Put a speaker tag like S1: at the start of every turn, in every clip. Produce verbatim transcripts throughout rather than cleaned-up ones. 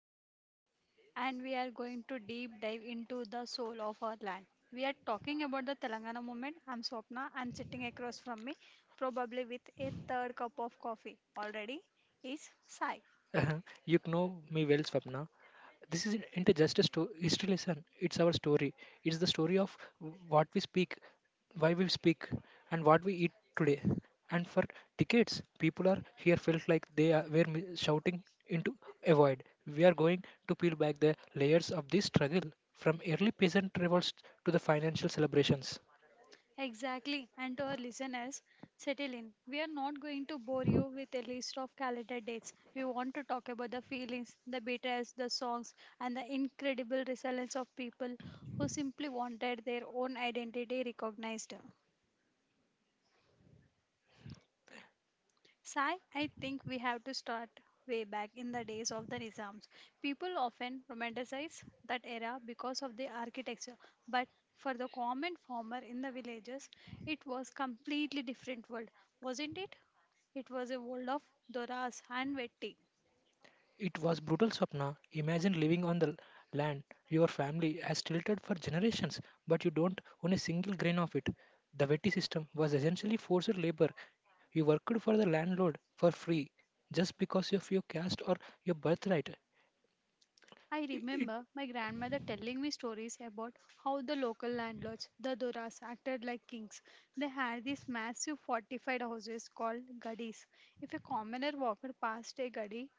S1: It- and we are going to deep dive into the soul of our land. We are talking about the Telangana movement. I'm Swapna, and sitting across from me, probably with a third cup of coffee already, is Sai.
S2: Uh-huh. you know me well, Swapna. This isn't is into just a story. History lesson. It's our story. It's the story of what we speak, why we speak, and what we eat today. And for decades, people are here felt like they are, were mi- shouting into a void. We are going to peel back the layers of this struggle, from early peasant revolts to the financial celebrations.
S1: Exactly. And to our listeners, settle in. We are not going to bore you with a list of calendar dates. We want to talk about the feelings, the betrayals, the songs, and the incredible resilience of people who simply wanted their own identity recognized. Sai, I think we have to start way back in the days of the Nizams. People often romanticize that era because of the architecture, but for the common farmer in the villages, it was completely different world, wasn't it? It was a world of doras and vetti.
S2: It was brutal, Swapna. Imagine living on the land your family has tilted for generations, but you don't own a single grain of it. The Veti system was essentially forced labor. You worked for the landlord for free just because of your caste or your birthright.
S1: I
S2: I- It,
S1: remember my grandmother telling me stories about how the local landlords, the Doras, acted like kings. They had these massive fortified houses called gadis. If a commoner walked past a gadi,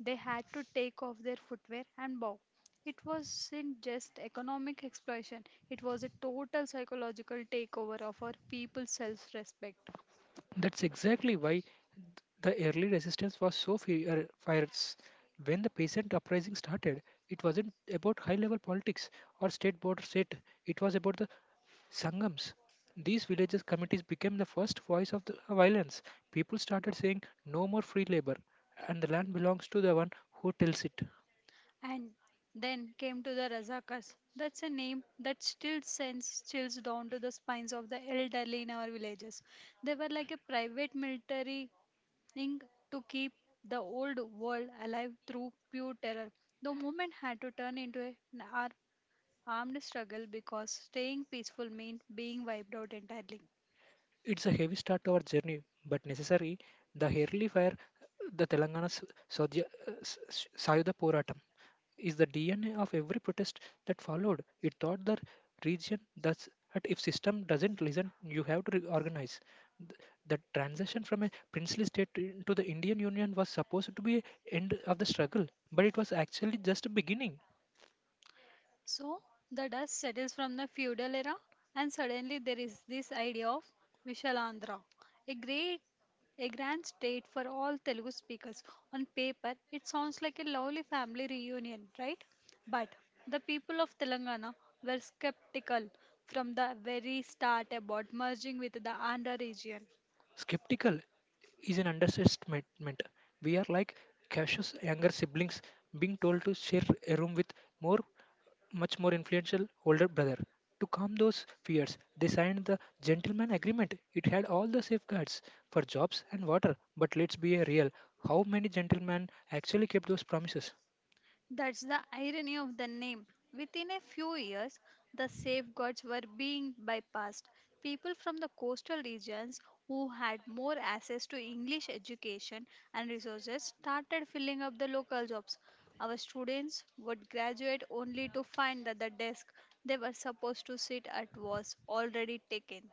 S1: they had to take off their footwear and bow. It wasn't just economic exploitation, it was a total psychological takeover of our people's self respect.
S2: That's exactly why the early resistance was so fi- er, fierce. When the peasant uprising started, it wasn't about high level politics or state border state, it was about the Sangams. These villages committees became the first voice of the violence. People started saying no more free labor and the land belongs to the one who tills it.
S1: And then came to the Razakas. That's a name that still sends chills down to the spines of the elderly in our villages. They were like a private military thing to keep the old world alive through pure terror. The movement had to turn into a- an ar- armed struggle because staying peaceful meant being wiped out entirely.
S2: It's a heavy start to our journey, but necessary. The early fire, the Telangana Saudya, uh, S- S- Sayuda Poratam. Is the D N A of every protest that followed. It taught the region thus that if system doesn't listen, you have to reorganize. Th- The transition from a princely state to to the Indian Union was supposed to be a end of the struggle, but it was actually just a beginning.
S1: So the dust settles from the feudal era, and suddenly there is this idea of Vishalandhra, a great a grand state for all Telugu speakers. On paper, it sounds like a lovely family reunion, right? But the people of Telangana were skeptical from the very start about merging with the Andhra region.
S2: Skeptical is an understatement. We are like cautious younger siblings being told to share a room with more, much more influential older brother. To calm those fears, they signed the gentleman agreement. It had all the safeguards for jobs and water. But let's be real. How many gentlemen actually kept those promises?
S1: That's the irony of the name. Within a few years, the safeguards were being bypassed. People from the coastal regions who had more access to English education and resources started filling up the local jobs. Our students would graduate only to find that the desk they were supposed to sit at was already taken.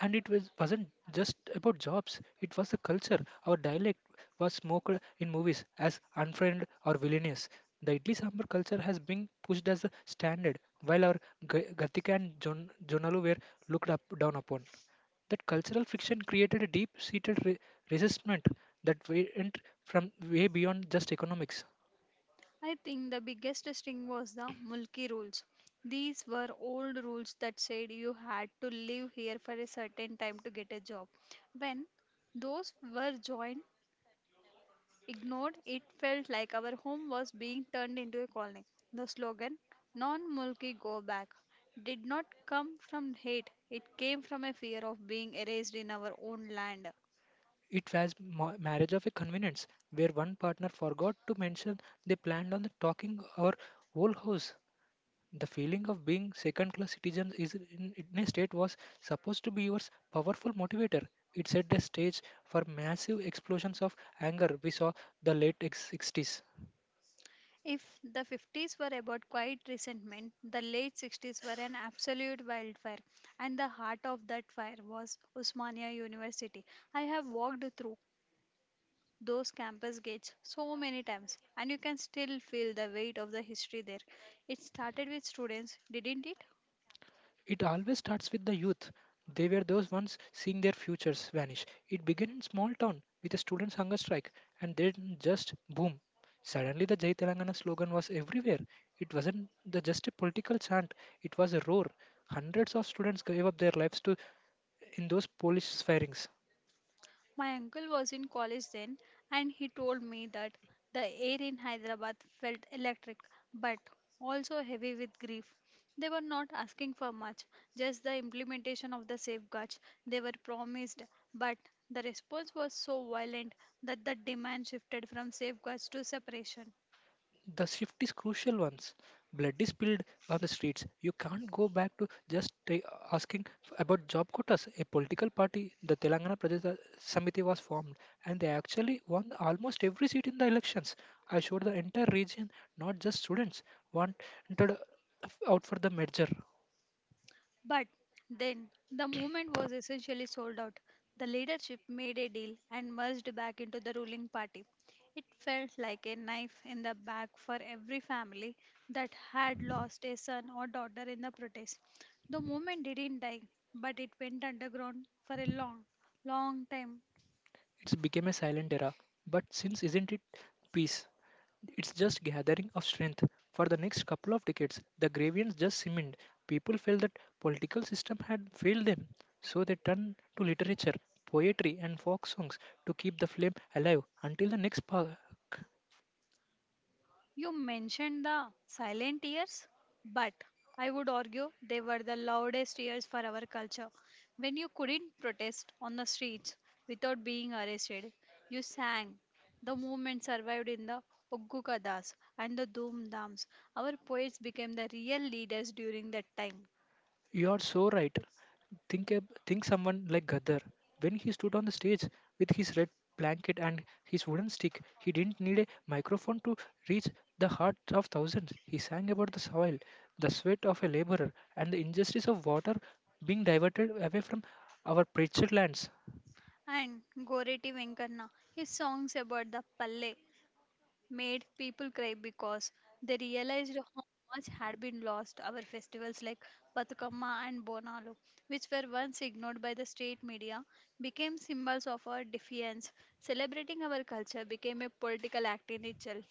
S2: And it was wasn't just about jobs, it was the culture. Our dialect was smoked in movies as unfriend or villainous. The idli sambar culture has been pushed as a standard, while our Ga- gatika and Jon- jonalu were looked up down upon. That cultural friction created a deep seated re- resentment that went from way beyond just economics.
S1: I think the biggest thing was the Mulki rules. These were old rules that said you had to live here for a certain time to get a job. When those were joined, ignored, it felt like our home was being turned into a colony. The slogan, non Mulki go back, did not come from hate, it came from a fear of being erased in our own land.
S2: It was ma- marriage of a convenience where one partner forgot to mention they planned on the talking our whole house. The feeling of being second class citizens is in, in a state was supposed to be your powerful motivator. It set the stage for massive explosions of anger we saw the late ex- sixties.
S1: If the fifties were about quiet resentment, the late sixties were an absolute wildfire, and the heart of that fire was Usmania University. I have walked through those campus gates so many times, and you can still feel the weight of the history there. It started with students, didn't it?
S2: It always starts with the youth. They were those ones seeing their futures vanish. It began in small town with a students' hunger strike, and then just boom. Suddenly, the Jai Telangana slogan was everywhere. It wasn't the, just a political chant; it was a roar. Hundreds of students gave up their lives to in those Polish firings.
S1: My uncle was in college then, and he told me that the air in Hyderabad felt electric but also heavy with grief. They were not asking for much, just the implementation of the safeguards they were promised, but the response was so violent that the demand shifted from safeguards to separation.
S2: The shift is crucial once blood is spilled on the streets. You can't go back to just ta- asking f- about job quotas. A political party, the Telangana Pradesh uh, Samiti, was formed, and they actually won almost every seat in the elections. I showed the entire region, not just students, wanted out for the merger.
S1: But then the movement was essentially sold out. The leadership made a deal and merged back into the ruling party. It felt like a knife in the back for every family that had lost a son or daughter in the protest. The movement didn't die, but it went underground for a long, long time.
S2: It's became a silent era, but since isn't it peace? It's just gathering of strength. For the next couple of decades, the Gravians just simmed. People felt that political system had failed them, so they turned to literature, poetry, and folk songs to keep the flame alive until the next spark.
S1: You mentioned the silent years, but I would argue they were the loudest years for our culture. When you couldn't protest on the streets without being arrested, you sang. The movement survived in the Oggu Kadas and the Doom Dams. Our poets became the real leaders during that time.
S2: You are so right. Think ab- think someone like Gadar. When he stood on the stage with his red blanket and his wooden stick, he didn't need a microphone to reach the hearts of thousands. He sang about the soil, the sweat of a laborer, and the injustice of water being diverted away from our pictured lands.
S1: And Goreti Venkanna, his songs about the Palle made people cry because they realized how much had been lost. Our festivals like Batukamma and Bonalu, which were once ignored by the state media, became symbols of our defiance. Celebrating our culture became a political act in itself.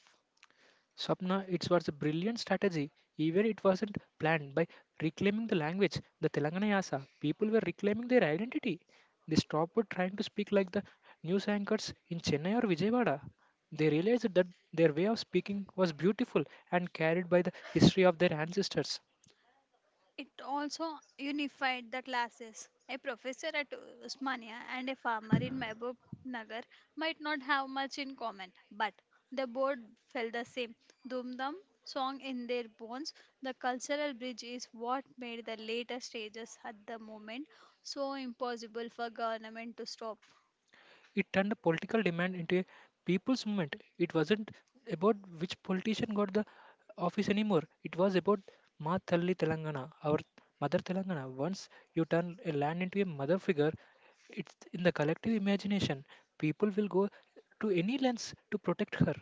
S2: Swapna, it was a brilliant strategy, even it wasn't planned. By reclaiming the language, the Telangana Yasa, people were reclaiming their identity. They stopped trying to speak like the news anchors in Chennai or Vijayawada. They realized that their way of speaking was beautiful and carried by the history of their ancestors.
S1: It also unified the classes. A professor at Usmania and a farmer in Mehboob Nagar might not have much in common, but the board felt the same. Dumdum song in their bones, the cultural bridge is what made the later stages at the moment so impossible for government to stop.
S2: It turned the political demand into a people's movement. It wasn't about which politician got the office anymore. It was about Ma Thalli Telangana, our mother Telangana. Once you turn a land into a mother figure, it's in the collective imagination. People will go to any lengths to protect her.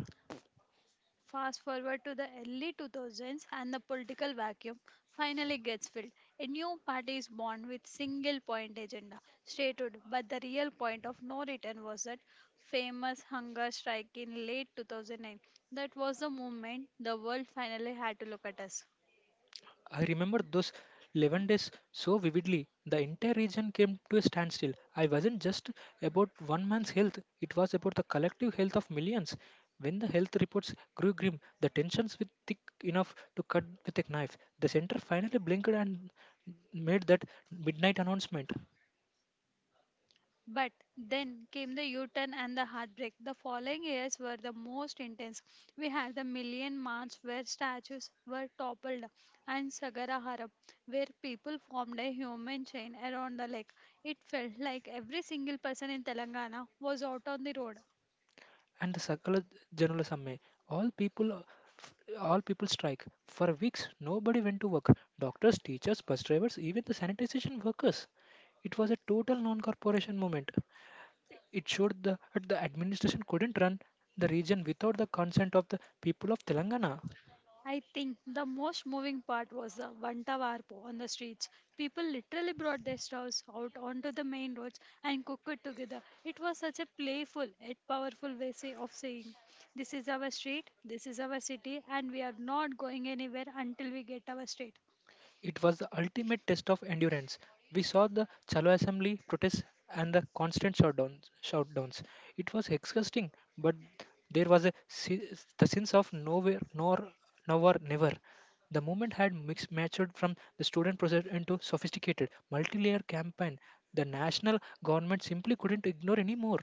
S1: Fast forward to the early two thousands and the political vacuum finally gets filled. A new party is born with single point agenda stated, but the real point of no return was that famous hunger strike in late two thousand nine. That was the moment the world finally had to look at us.
S2: I remember those eleven days so vividly. The entire region came to a standstill. I wasn't just about one man's health, it was about the collective health of millions. When the health reports grew grim, the tensions were thick enough to cut with a knife. The center finally blinked and made that midnight announcement.
S1: But then came the U turn and the heartbreak. The following years were the most intense. We had the Million March, where statues were toppled, and Sagara Harap, where people formed a human chain around the lake. It felt like every single person in Telangana was out on the road.
S2: And the circular journalism may all people all people strike for weeks. Nobody went to work. Doctors, teachers, bus drivers, even the sanitation workers. It was a total non-corporation movement. It showed the, that the administration couldn't run the region without the consent of the people of Telangana.
S1: I think the most moving part was the Vanta Varpo on the streets. People literally brought their stoves out onto the main roads and cooked it together. It was such a playful yet powerful way say- of saying, this is our street, this is our city, and we are not going anywhere until we get our street.
S2: It was the ultimate test of endurance. We saw the Chalo Assembly protests and the constant shutdowns. shutdowns. It was exhausting, but there was a se- the sense of nowhere, nor, now or never. The movement had mixed, matured from the student process into sophisticated, multi-layer campaign. The national government simply couldn't ignore anymore.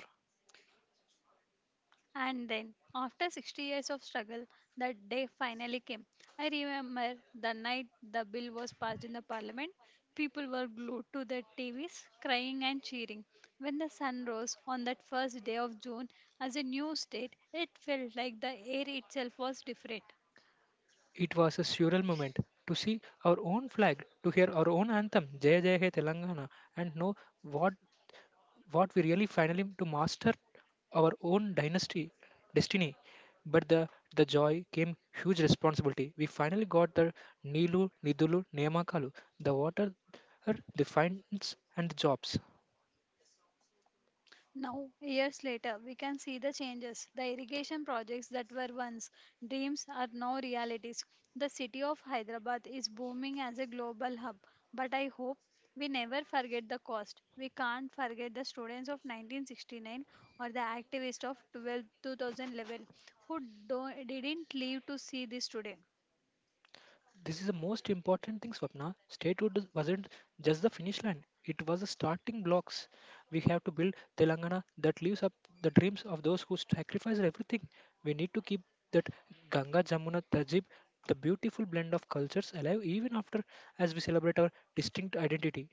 S1: And then, after sixty years of struggle, that day finally came. I remember the night the bill was passed in the parliament. People were glued to their T Vs, crying and cheering. When the sun rose on that first day of June as a new state, it felt like the air itself was different.
S2: It was a surreal moment to see our own flag, to hear our own anthem, Jai Jai Hai Telangana, and know what what we really finally to master our own dynasty destiny. But the the joy came huge responsibility. We finally got the nilu nidulu nemakalu, the water, the finds, and the jobs.
S1: Now, years later, we can see the changes. The irrigation projects that were once dreams are now realities. The city of Hyderabad is booming as a global hub, but I hope we never forget the cost. We can't forget the students of nineteen sixty-nine or the activists of twelve two thousand eleven who don't, didn't live to see this today.
S2: This is the most important thing, Swapna. Statehood wasn't just the finish line, it was the starting blocks. We have to build Telangana that lives up the dreams of those who sacrificed everything. We need to keep that Ganga Jamuna Tajib, the beautiful blend of cultures, alive even after as we celebrate our distinct identity.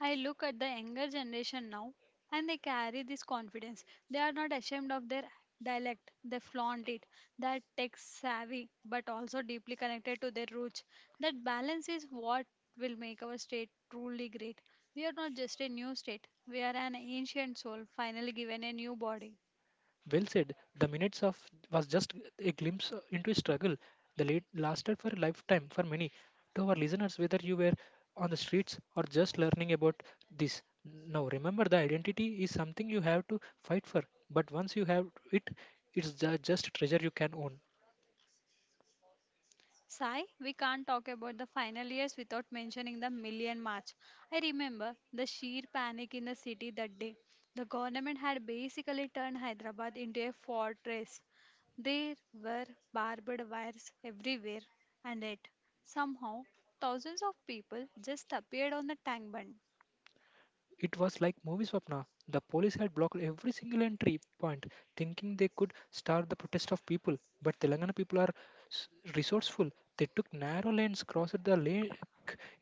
S1: I look at the younger generation now and they carry this confidence. They are not ashamed of their dialect, they flaunt it. That tech savvy but also deeply connected to their roots. That balance is what will make our state truly great. We are not just a new state, we are an ancient soul finally given a new body.
S2: Well said. The minutes of was just a glimpse into a struggle. The late lasted for a lifetime for many. To our listeners, whether you were on the streets or just learning about this, now remember the identity is something you have to fight for. But once you have it, it's ju- just treasure you can own.
S1: Sai, we can't talk about the final years without mentioning the Million March. I remember the sheer panic in the city that day. The government had basically turned Hyderabad into a fortress. There were barbed wires everywhere, and yet, somehow, thousands of people just appeared on the tank bund.
S2: It was like movie Swapna. The police had blocked every single entry point, thinking they could starve the protest of people. But Telangana people are s- resourceful. They took narrow lanes, crossed the lake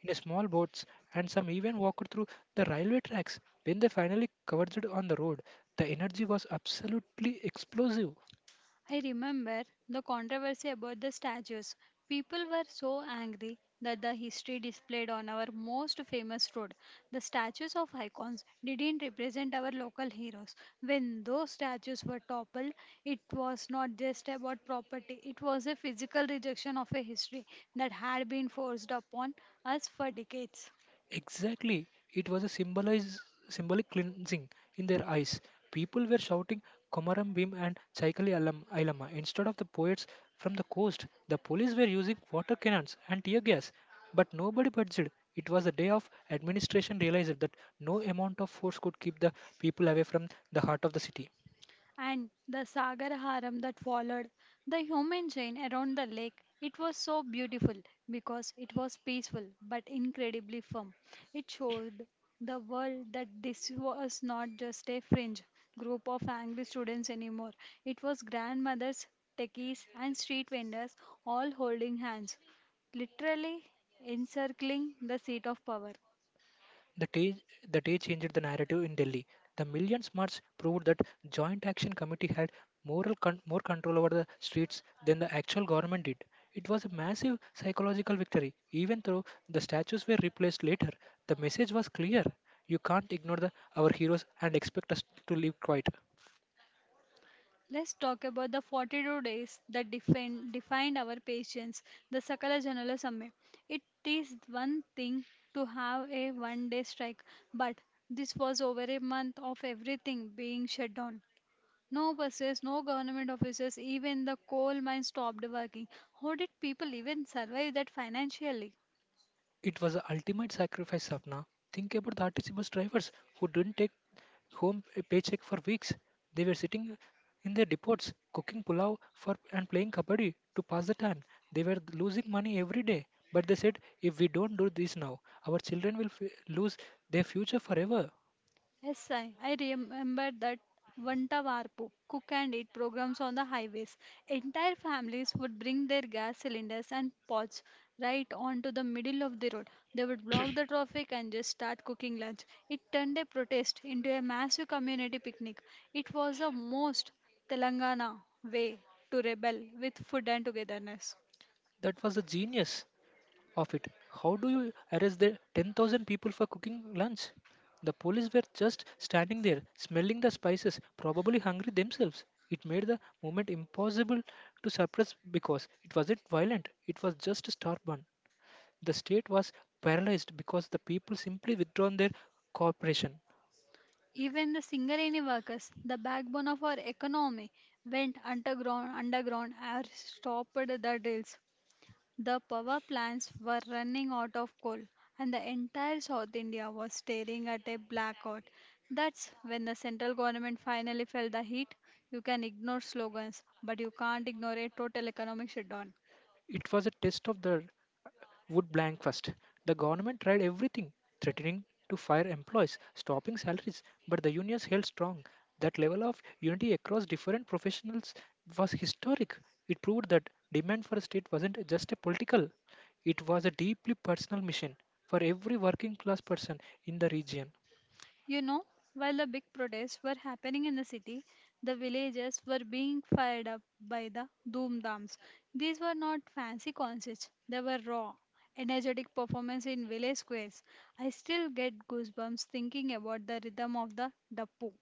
S2: in a small boats, and some even walked through the railway tracks. When they finally converged on the road, the energy was absolutely explosive.
S1: I remember the controversy about the statues. People were so angry that the history displayed on our most famous road, the statues of icons, didn't represent our local heroes. When those statues were toppled, it was not just about property, it was a physical rejection of a history that had been forced upon us for decades.
S2: Exactly. It was a symbolize, symbolic cleansing in their eyes. People were shouting Komaram Bhim and Chaikali Alam, Ilama instead of the poets from the coast. The police were using water cannons and tear gas, but nobody budged. It was a day of administration realized that no amount of force could keep the people away from the heart of the city.
S1: And the Sagar Haram that followed, the human chain around the lake. It was so beautiful because it was peaceful but incredibly firm. It showed the world that this was not just a fringe group of angry students anymore. It was grandmothers, techies, and street vendors all holding hands, literally encircling the seat of power.
S2: The day, the day changed the narrative in Delhi. The Million Smarts proved that Joint Action Committee had moral con- more control over the streets than the actual government did. It was a massive psychological victory. Even though the statues were replaced later, the message was clear. You can't ignore the, our heroes and expect us to live quiet.
S1: Let's talk about the forty-two days that define, defined our patience, the Sakala Janala Samay. It is one thing to have a one day strike, but this was over a month of everything being shut down. No buses, no government offices, even the coal mine stopped working. How did people even survive that financially?
S2: It was the ultimate sacrifice, Sapna. Think about the R T C bus drivers who didn't take home a paycheck for weeks. They were sitting in their depots, cooking pulao for and playing kabaddi to pass the time. They were losing money every day, but they said, "If we don't do this now, our children will f- lose their future forever."
S1: Yes, I, I remember that Vanta Varpu cook and eat programs on the highways. Entire families would bring their gas cylinders and pots right onto the middle of the road. They would block the traffic and just start cooking lunch. It turned a protest into a massive community picnic. It was the most Telangana way to rebel with food and togetherness.
S2: That was a genius. Of it. How do you arrest the ten thousand people for cooking lunch? The police were just standing there, smelling the spices, probably hungry themselves. It made the movement impossible to suppress because it wasn't violent, it was just a stubborn. The state was paralyzed because the people simply withdrawn their cooperation.
S1: Even the Singareni workers, the backbone of our economy, went underground, underground or stopped the drills. The power plants were running out of coal, and the entire South India was staring at a blackout. That's when the central government finally felt the heat. You can ignore slogans, but you can't ignore a total economic shutdown.
S2: It was a test of the would blank first. The government tried everything, threatening to fire employees, stopping salaries, but the unions held strong. That level of unity across different professionals was historic. It proved that demand for a state wasn't just a political, it was a deeply personal mission for every working class person in the region.
S1: You know, while the big protests were happening in the city, the villages were being fired up by the dhoomdhams. These were not fancy concerts, they were raw, energetic performance in village squares. I still get goosebumps thinking about the rhythm of the dappu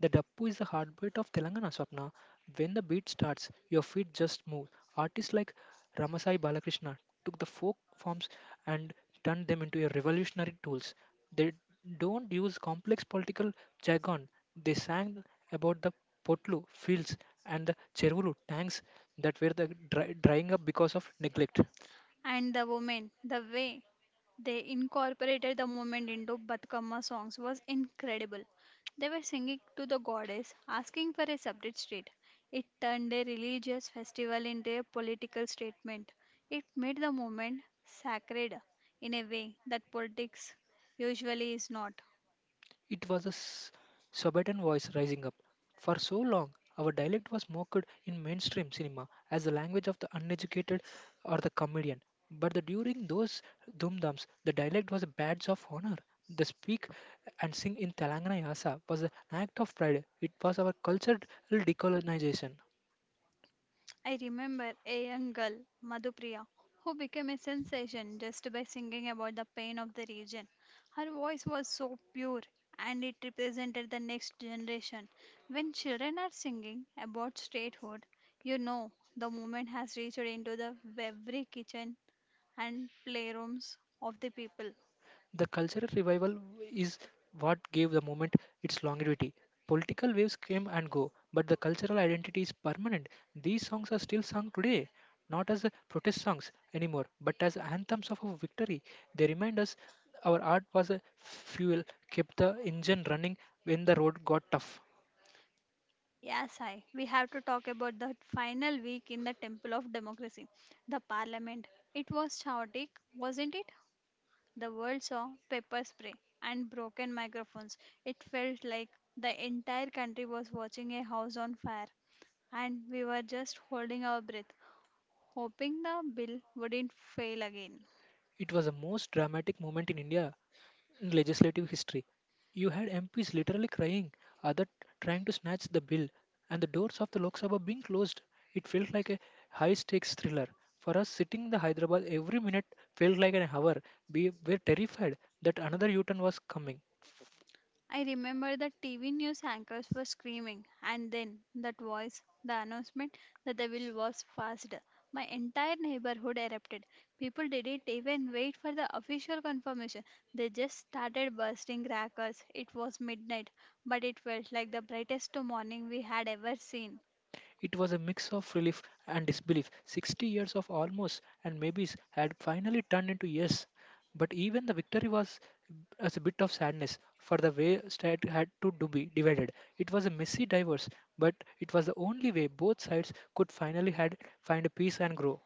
S2: The dappu is the heartbeat of Telangana Swapna. When the beat starts, your feet just move. Artists like Ramasai Balakrishna took the folk forms and turned them into a revolutionary tools. They don't use complex political jargon. They sang about the potlu fields and the chervulu tanks that were the dry, drying up because of neglect.
S1: and the women, the way they incorporated the movement into Batkama songs was incredible. They were singing to the goddess, asking for a substitute. It turned a religious festival into a political statement. It made the movement sacred in a way that politics usually is not.
S2: It was a s- suburban voice rising up. For so long, our dialect was mocked in mainstream cinema as the language of the uneducated or the comedian. But the, during those dums, the dialect was a badge of honor. The speak and sing in Telangana Yasa was an act of pride. It was our cultural decolonization.
S1: I remember a young girl, Madhupriya, who became a sensation just by singing about the pain of the region. Her voice was so pure and it represented the next generation. When children are singing about statehood, you know the movement has reached into the every kitchen and playrooms of the people.
S2: The cultural revival is what gave the movement its longevity. Political waves came and go, but the cultural identity is permanent. These songs are still sung today, not as uh, protest songs anymore, but as anthems of a victory. They remind us our art was a fuel, kept the engine running when the road got tough.
S1: Yes, I. we have to talk about the final week in the Temple of Democracy, the Parliament. It was chaotic, wasn't it? The world saw pepper spray and broken microphones. It felt like the entire country was watching a house on fire, and we were just holding our breath, hoping the bill wouldn't fail again.
S2: It was the most dramatic moment in India in legislative history. You had M Ps literally crying, other trying to snatch the bill, and the doors of the Lok Sabha being closed. It felt like a high stakes thriller. For us sitting in the Hyderabad, every minute felt like an hour. We were terrified that another U turn was coming.
S1: I remember the T V news anchors were screaming, and then that voice, the announcement that the bill was passed. My entire neighborhood erupted. People didn't even wait for the official confirmation. They just started bursting crackers. It was midnight, but it felt like the brightest morning we had ever seen.
S2: It was a mix of relief and disbelief. sixty years of almost and maybes had finally turned into yes. But even the victory was as a bit of sadness for the way state had to do be divided. It was a messy divorce, but it was the only way both sides could finally had find peace and grow.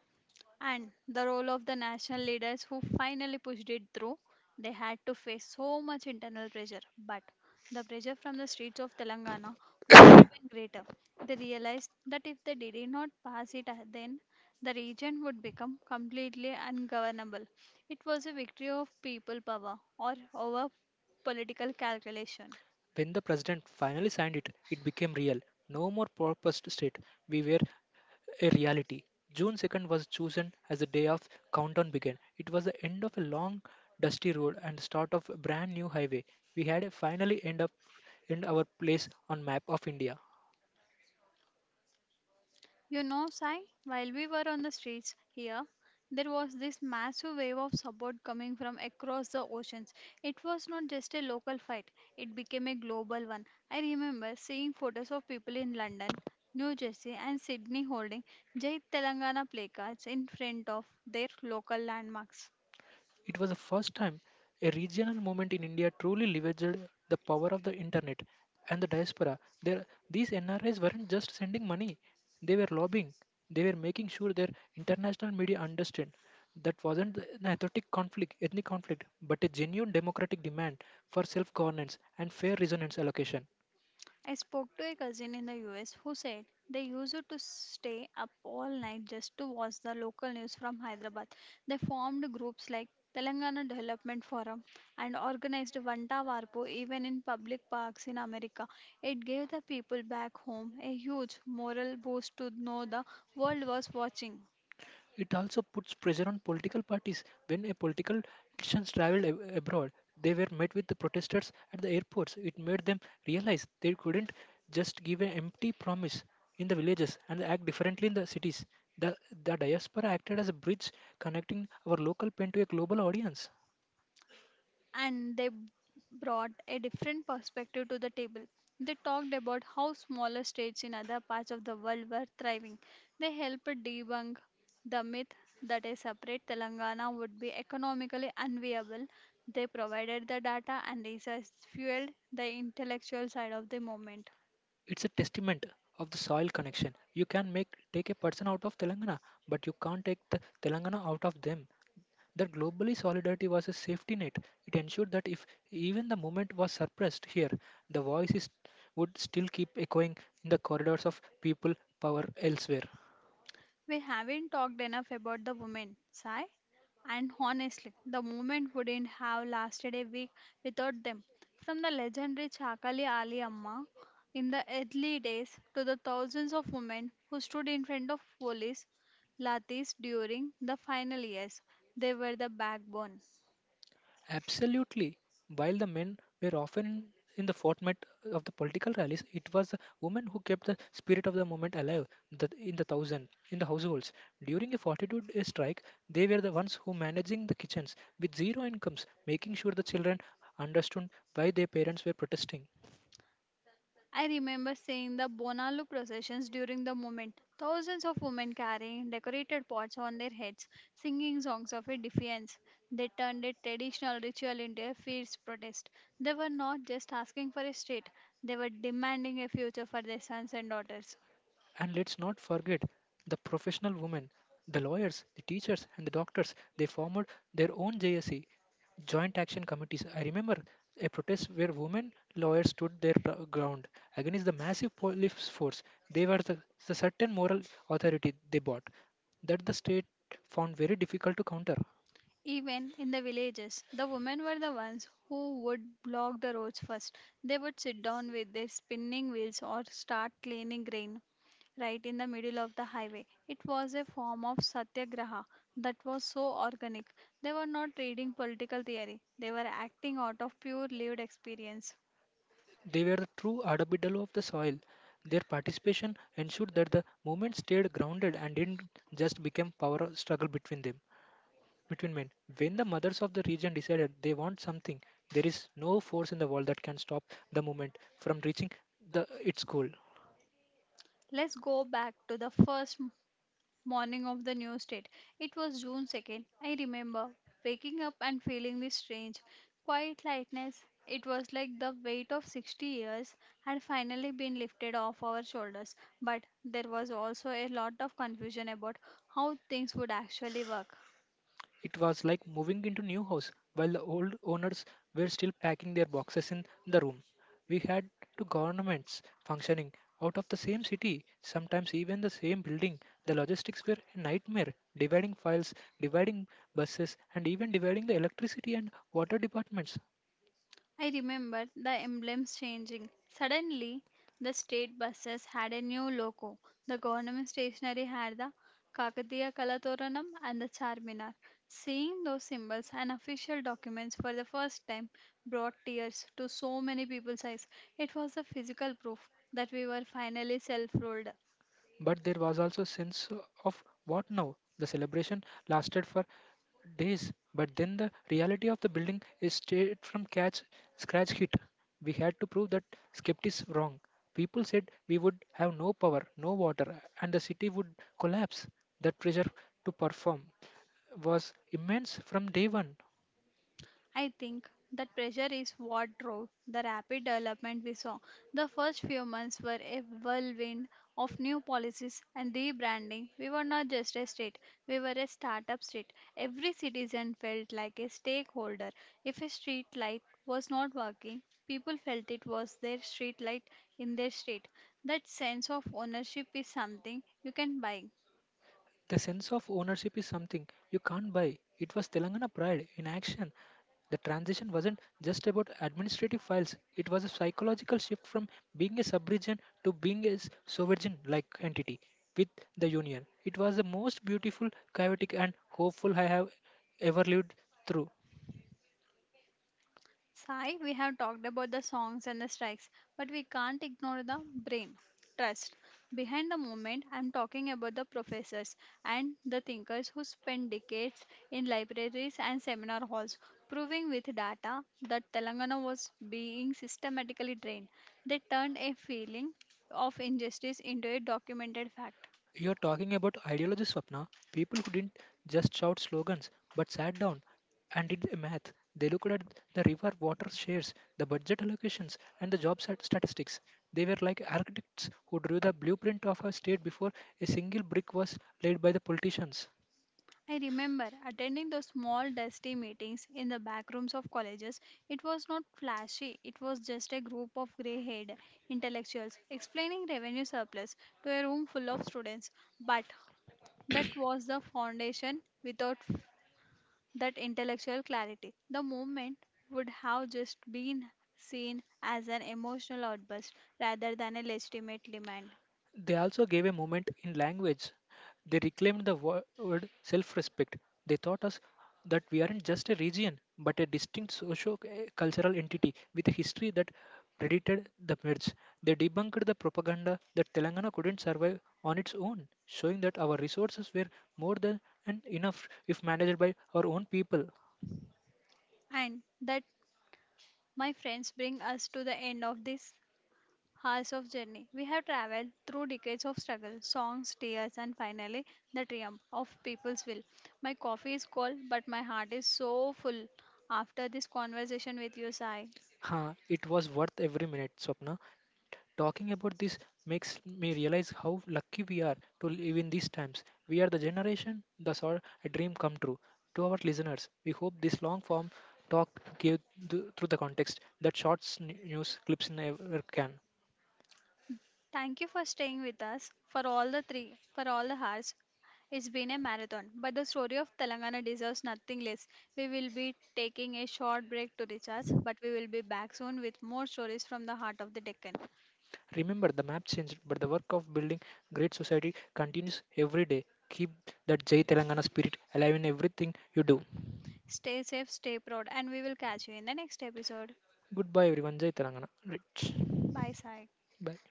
S1: And the role of the national leaders who finally pushed it through, they had to face so much internal pressure. But the pressure from the streets of Telangana was even greater. They realized that if they did not pass it, uh, then the region would become completely ungovernable. It was a victory of people power or over political calculation.
S2: When the president finally signed it, it became real. No more proposed state. We were a reality. June second was chosen as the day of countdown began. It was the end of a long, dusty road and the start of a brand new highway. We had finally end up in our place on map of India.
S1: You know, Sai, while we were on the streets here, there was this massive wave of support coming from across the oceans. It was not just a local fight, it became a global one. I remember seeing photos of people in London, New Jersey, and Sydney holding Jai Telangana placards in front of their local landmarks.
S2: It was the first time a regional movement in India truly leveraged the power of the internet and the diaspora. There, these N R Is weren't just sending money, they were lobbying. They were making sure their international media understood that wasn't an ethnic conflict, ethnic conflict, but a genuine democratic demand for self-governance and fair resonance allocation.
S1: I spoke to a cousin in the U S who said they used to stay up all night just to watch the local news from Hyderabad. They formed groups like Telangana Development Forum and organized Vanta Varpu even in public parks in America. It gave the people back home a huge moral boost to know the world was watching.
S2: It also puts pressure on political parties. When a political elections traveled ab- abroad, they were met with the protesters at the airports. It made them realize they couldn't just give an empty promise in the villages and act differently in the cities. The, the diaspora acted as a bridge connecting our local pen to a global audience.
S1: And they brought a different perspective to the table. They talked about how smaller states in other parts of the world were thriving. They helped debunk the myth that a separate Telangana would be economically unviable. They provided the data and research fueled the intellectual side of the movement.
S2: It's a testament of the soil connection. You can make take a person out of Telangana, but you can't take the Telangana out of them. That globally solidarity was a safety net. It ensured that if even the movement was suppressed here, the voices would still keep echoing in the corridors of people power elsewhere.
S1: We haven't talked enough about the women, Sai. And honestly, the movement wouldn't have lasted a week without them. From the legendary Chakali Ali Amma in the early days to the thousands of women who stood in front of police lathis during the final years, they were the backbone.
S2: Absolutely. While the men were often in the forefront of the political rallies, it was the women who kept the spirit of the movement alive the, in the thousand, in the households. During a forty-two-day strike, they were the ones who managing the kitchens with zero incomes, making sure the children understood why their parents were protesting.
S1: I remember seeing the Bonalu processions during the moment. Thousands of women carrying decorated pots on their heads, singing songs of a defiance. They turned a traditional ritual into a fierce protest. They were not just asking for a state, they were demanding a future for their sons and daughters.
S2: And let's not forget the professional women, the lawyers, the teachers, and the doctors. They formed their own J S E, Joint Action Committees. I remember a protest where women lawyers stood their gr- ground against the massive police force. They were the, the certain moral authority they bought that the state found very difficult to counter.
S1: Even in the villages, the women were the ones who would block the roads first. They would sit down with their spinning wheels or start cleaning grain right in the middle of the highway. It was a form of satyagraha that was so organic. They were not reading political theory, they were acting out of pure lived experience.
S2: They were the true arbitrary of the soil. Their participation ensured that the movement stayed grounded and didn't just become power struggle between them. Between men. When the mothers of the region decided they want something, there is no force in the world that can stop the movement from reaching the, its goal.
S1: Let's go back to the first morning of the new state. It was June second. I remember waking up and feeling this strange, quiet lightness. It was like the weight of sixty years had finally been lifted off our shoulders, but there was also a lot of confusion about how things would actually work.
S2: It was like moving into new house while the old owners were still packing their boxes in the room. We had two governments functioning out of the same city, sometimes even the same building. The logistics were a nightmare, dividing files, dividing buses, and even dividing the electricity and water departments.
S1: I remember the emblems changing. Suddenly, the state buses had a new logo. The government stationery had the Kakatiya Kalatoranam and the Charminar. Seeing those symbols and official documents for the first time brought tears to so many people's eyes. It was the physical proof that we were finally self ruled.
S2: But there was also a sense of what now? The celebration lasted for days, but then the reality of the building is straight from catch scratch hit. We had to prove that skeptics wrong. People said we would have no power, no water, and the city would collapse. That pressure to perform was immense from day one.
S1: I think that pressure is what drove the rapid development we saw. The first few months were a whirlwind of new policies and rebranding. We were not just a state, we were a startup state. Every citizen felt like a stakeholder. If a street light was not working, people felt it was their street light in their state. That sense of ownership is something you can buy.
S2: The sense of ownership is something you can't buy. It was Telangana pride in action. The transition wasn't just about administrative files, it was a psychological shift from being a sub-region to being a s- sovereign like entity with the union. It was the most beautiful, chaotic, and hopeful I have ever lived through.
S1: Sai, we have talked about the songs and the strikes, but we can't ignore the brain. Trust. Behind the movement, I'm talking about the professors and the thinkers who spend decades in libraries and seminar halls proving with data that Telangana was being systematically drained. They turned a feeling of injustice into a documented fact.
S2: You're talking about ideology, Swapna. People who didn't just shout slogans but sat down and did the math. They looked at the river water shares, the budget allocations, and the job sat- statistics. They were like architects who drew the blueprint of a state before a single brick was laid by the politicians.
S1: I remember attending those small dusty meetings in the back rooms of colleges. It was not flashy, it was just a group of grey haired intellectuals explaining revenue surplus to a room full of students. But that was the foundation without f- that intellectual clarity. The movement would have just been seen as an emotional outburst rather than a legitimate demand.
S2: They also gave a moment in language. They reclaimed the wo- word self respect. They taught us that we aren't just a region, but a distinct socio cultural entity with a history that predated the merge. They debunked the propaganda that Telangana couldn't survive on its own, showing that our resources were more than and enough if managed by our own people.
S1: And that, my friends, bring us to the end of this hours of journey. We have traveled through decades of struggle, songs, tears, and finally the triumph of people's will. My coffee is cold, but my heart is so full after this conversation with you, Sai.
S2: Huh, it was worth every minute, Swapna. Talking about this makes me realize how lucky we are to live in these times. We are the generation that saw a dream come true. To our listeners, we hope this long form talk gave th- through the context that short sn- news clips never can.
S1: Thank you for staying with us for all the three, for all the hours. It's been a marathon, but the story of Telangana deserves nothing less. We will be taking a short break to recharge, but we will be back soon with more stories from the heart of the Deccan.
S2: Remember, the map changed, but the work of building great society continues every day. Keep that Jai Telangana spirit alive in everything you do.
S1: Stay safe, stay proud, and we will catch you in the next episode.
S2: Goodbye, everyone. Jai Telangana. Rich.
S1: Bye, Sai.
S2: Bye.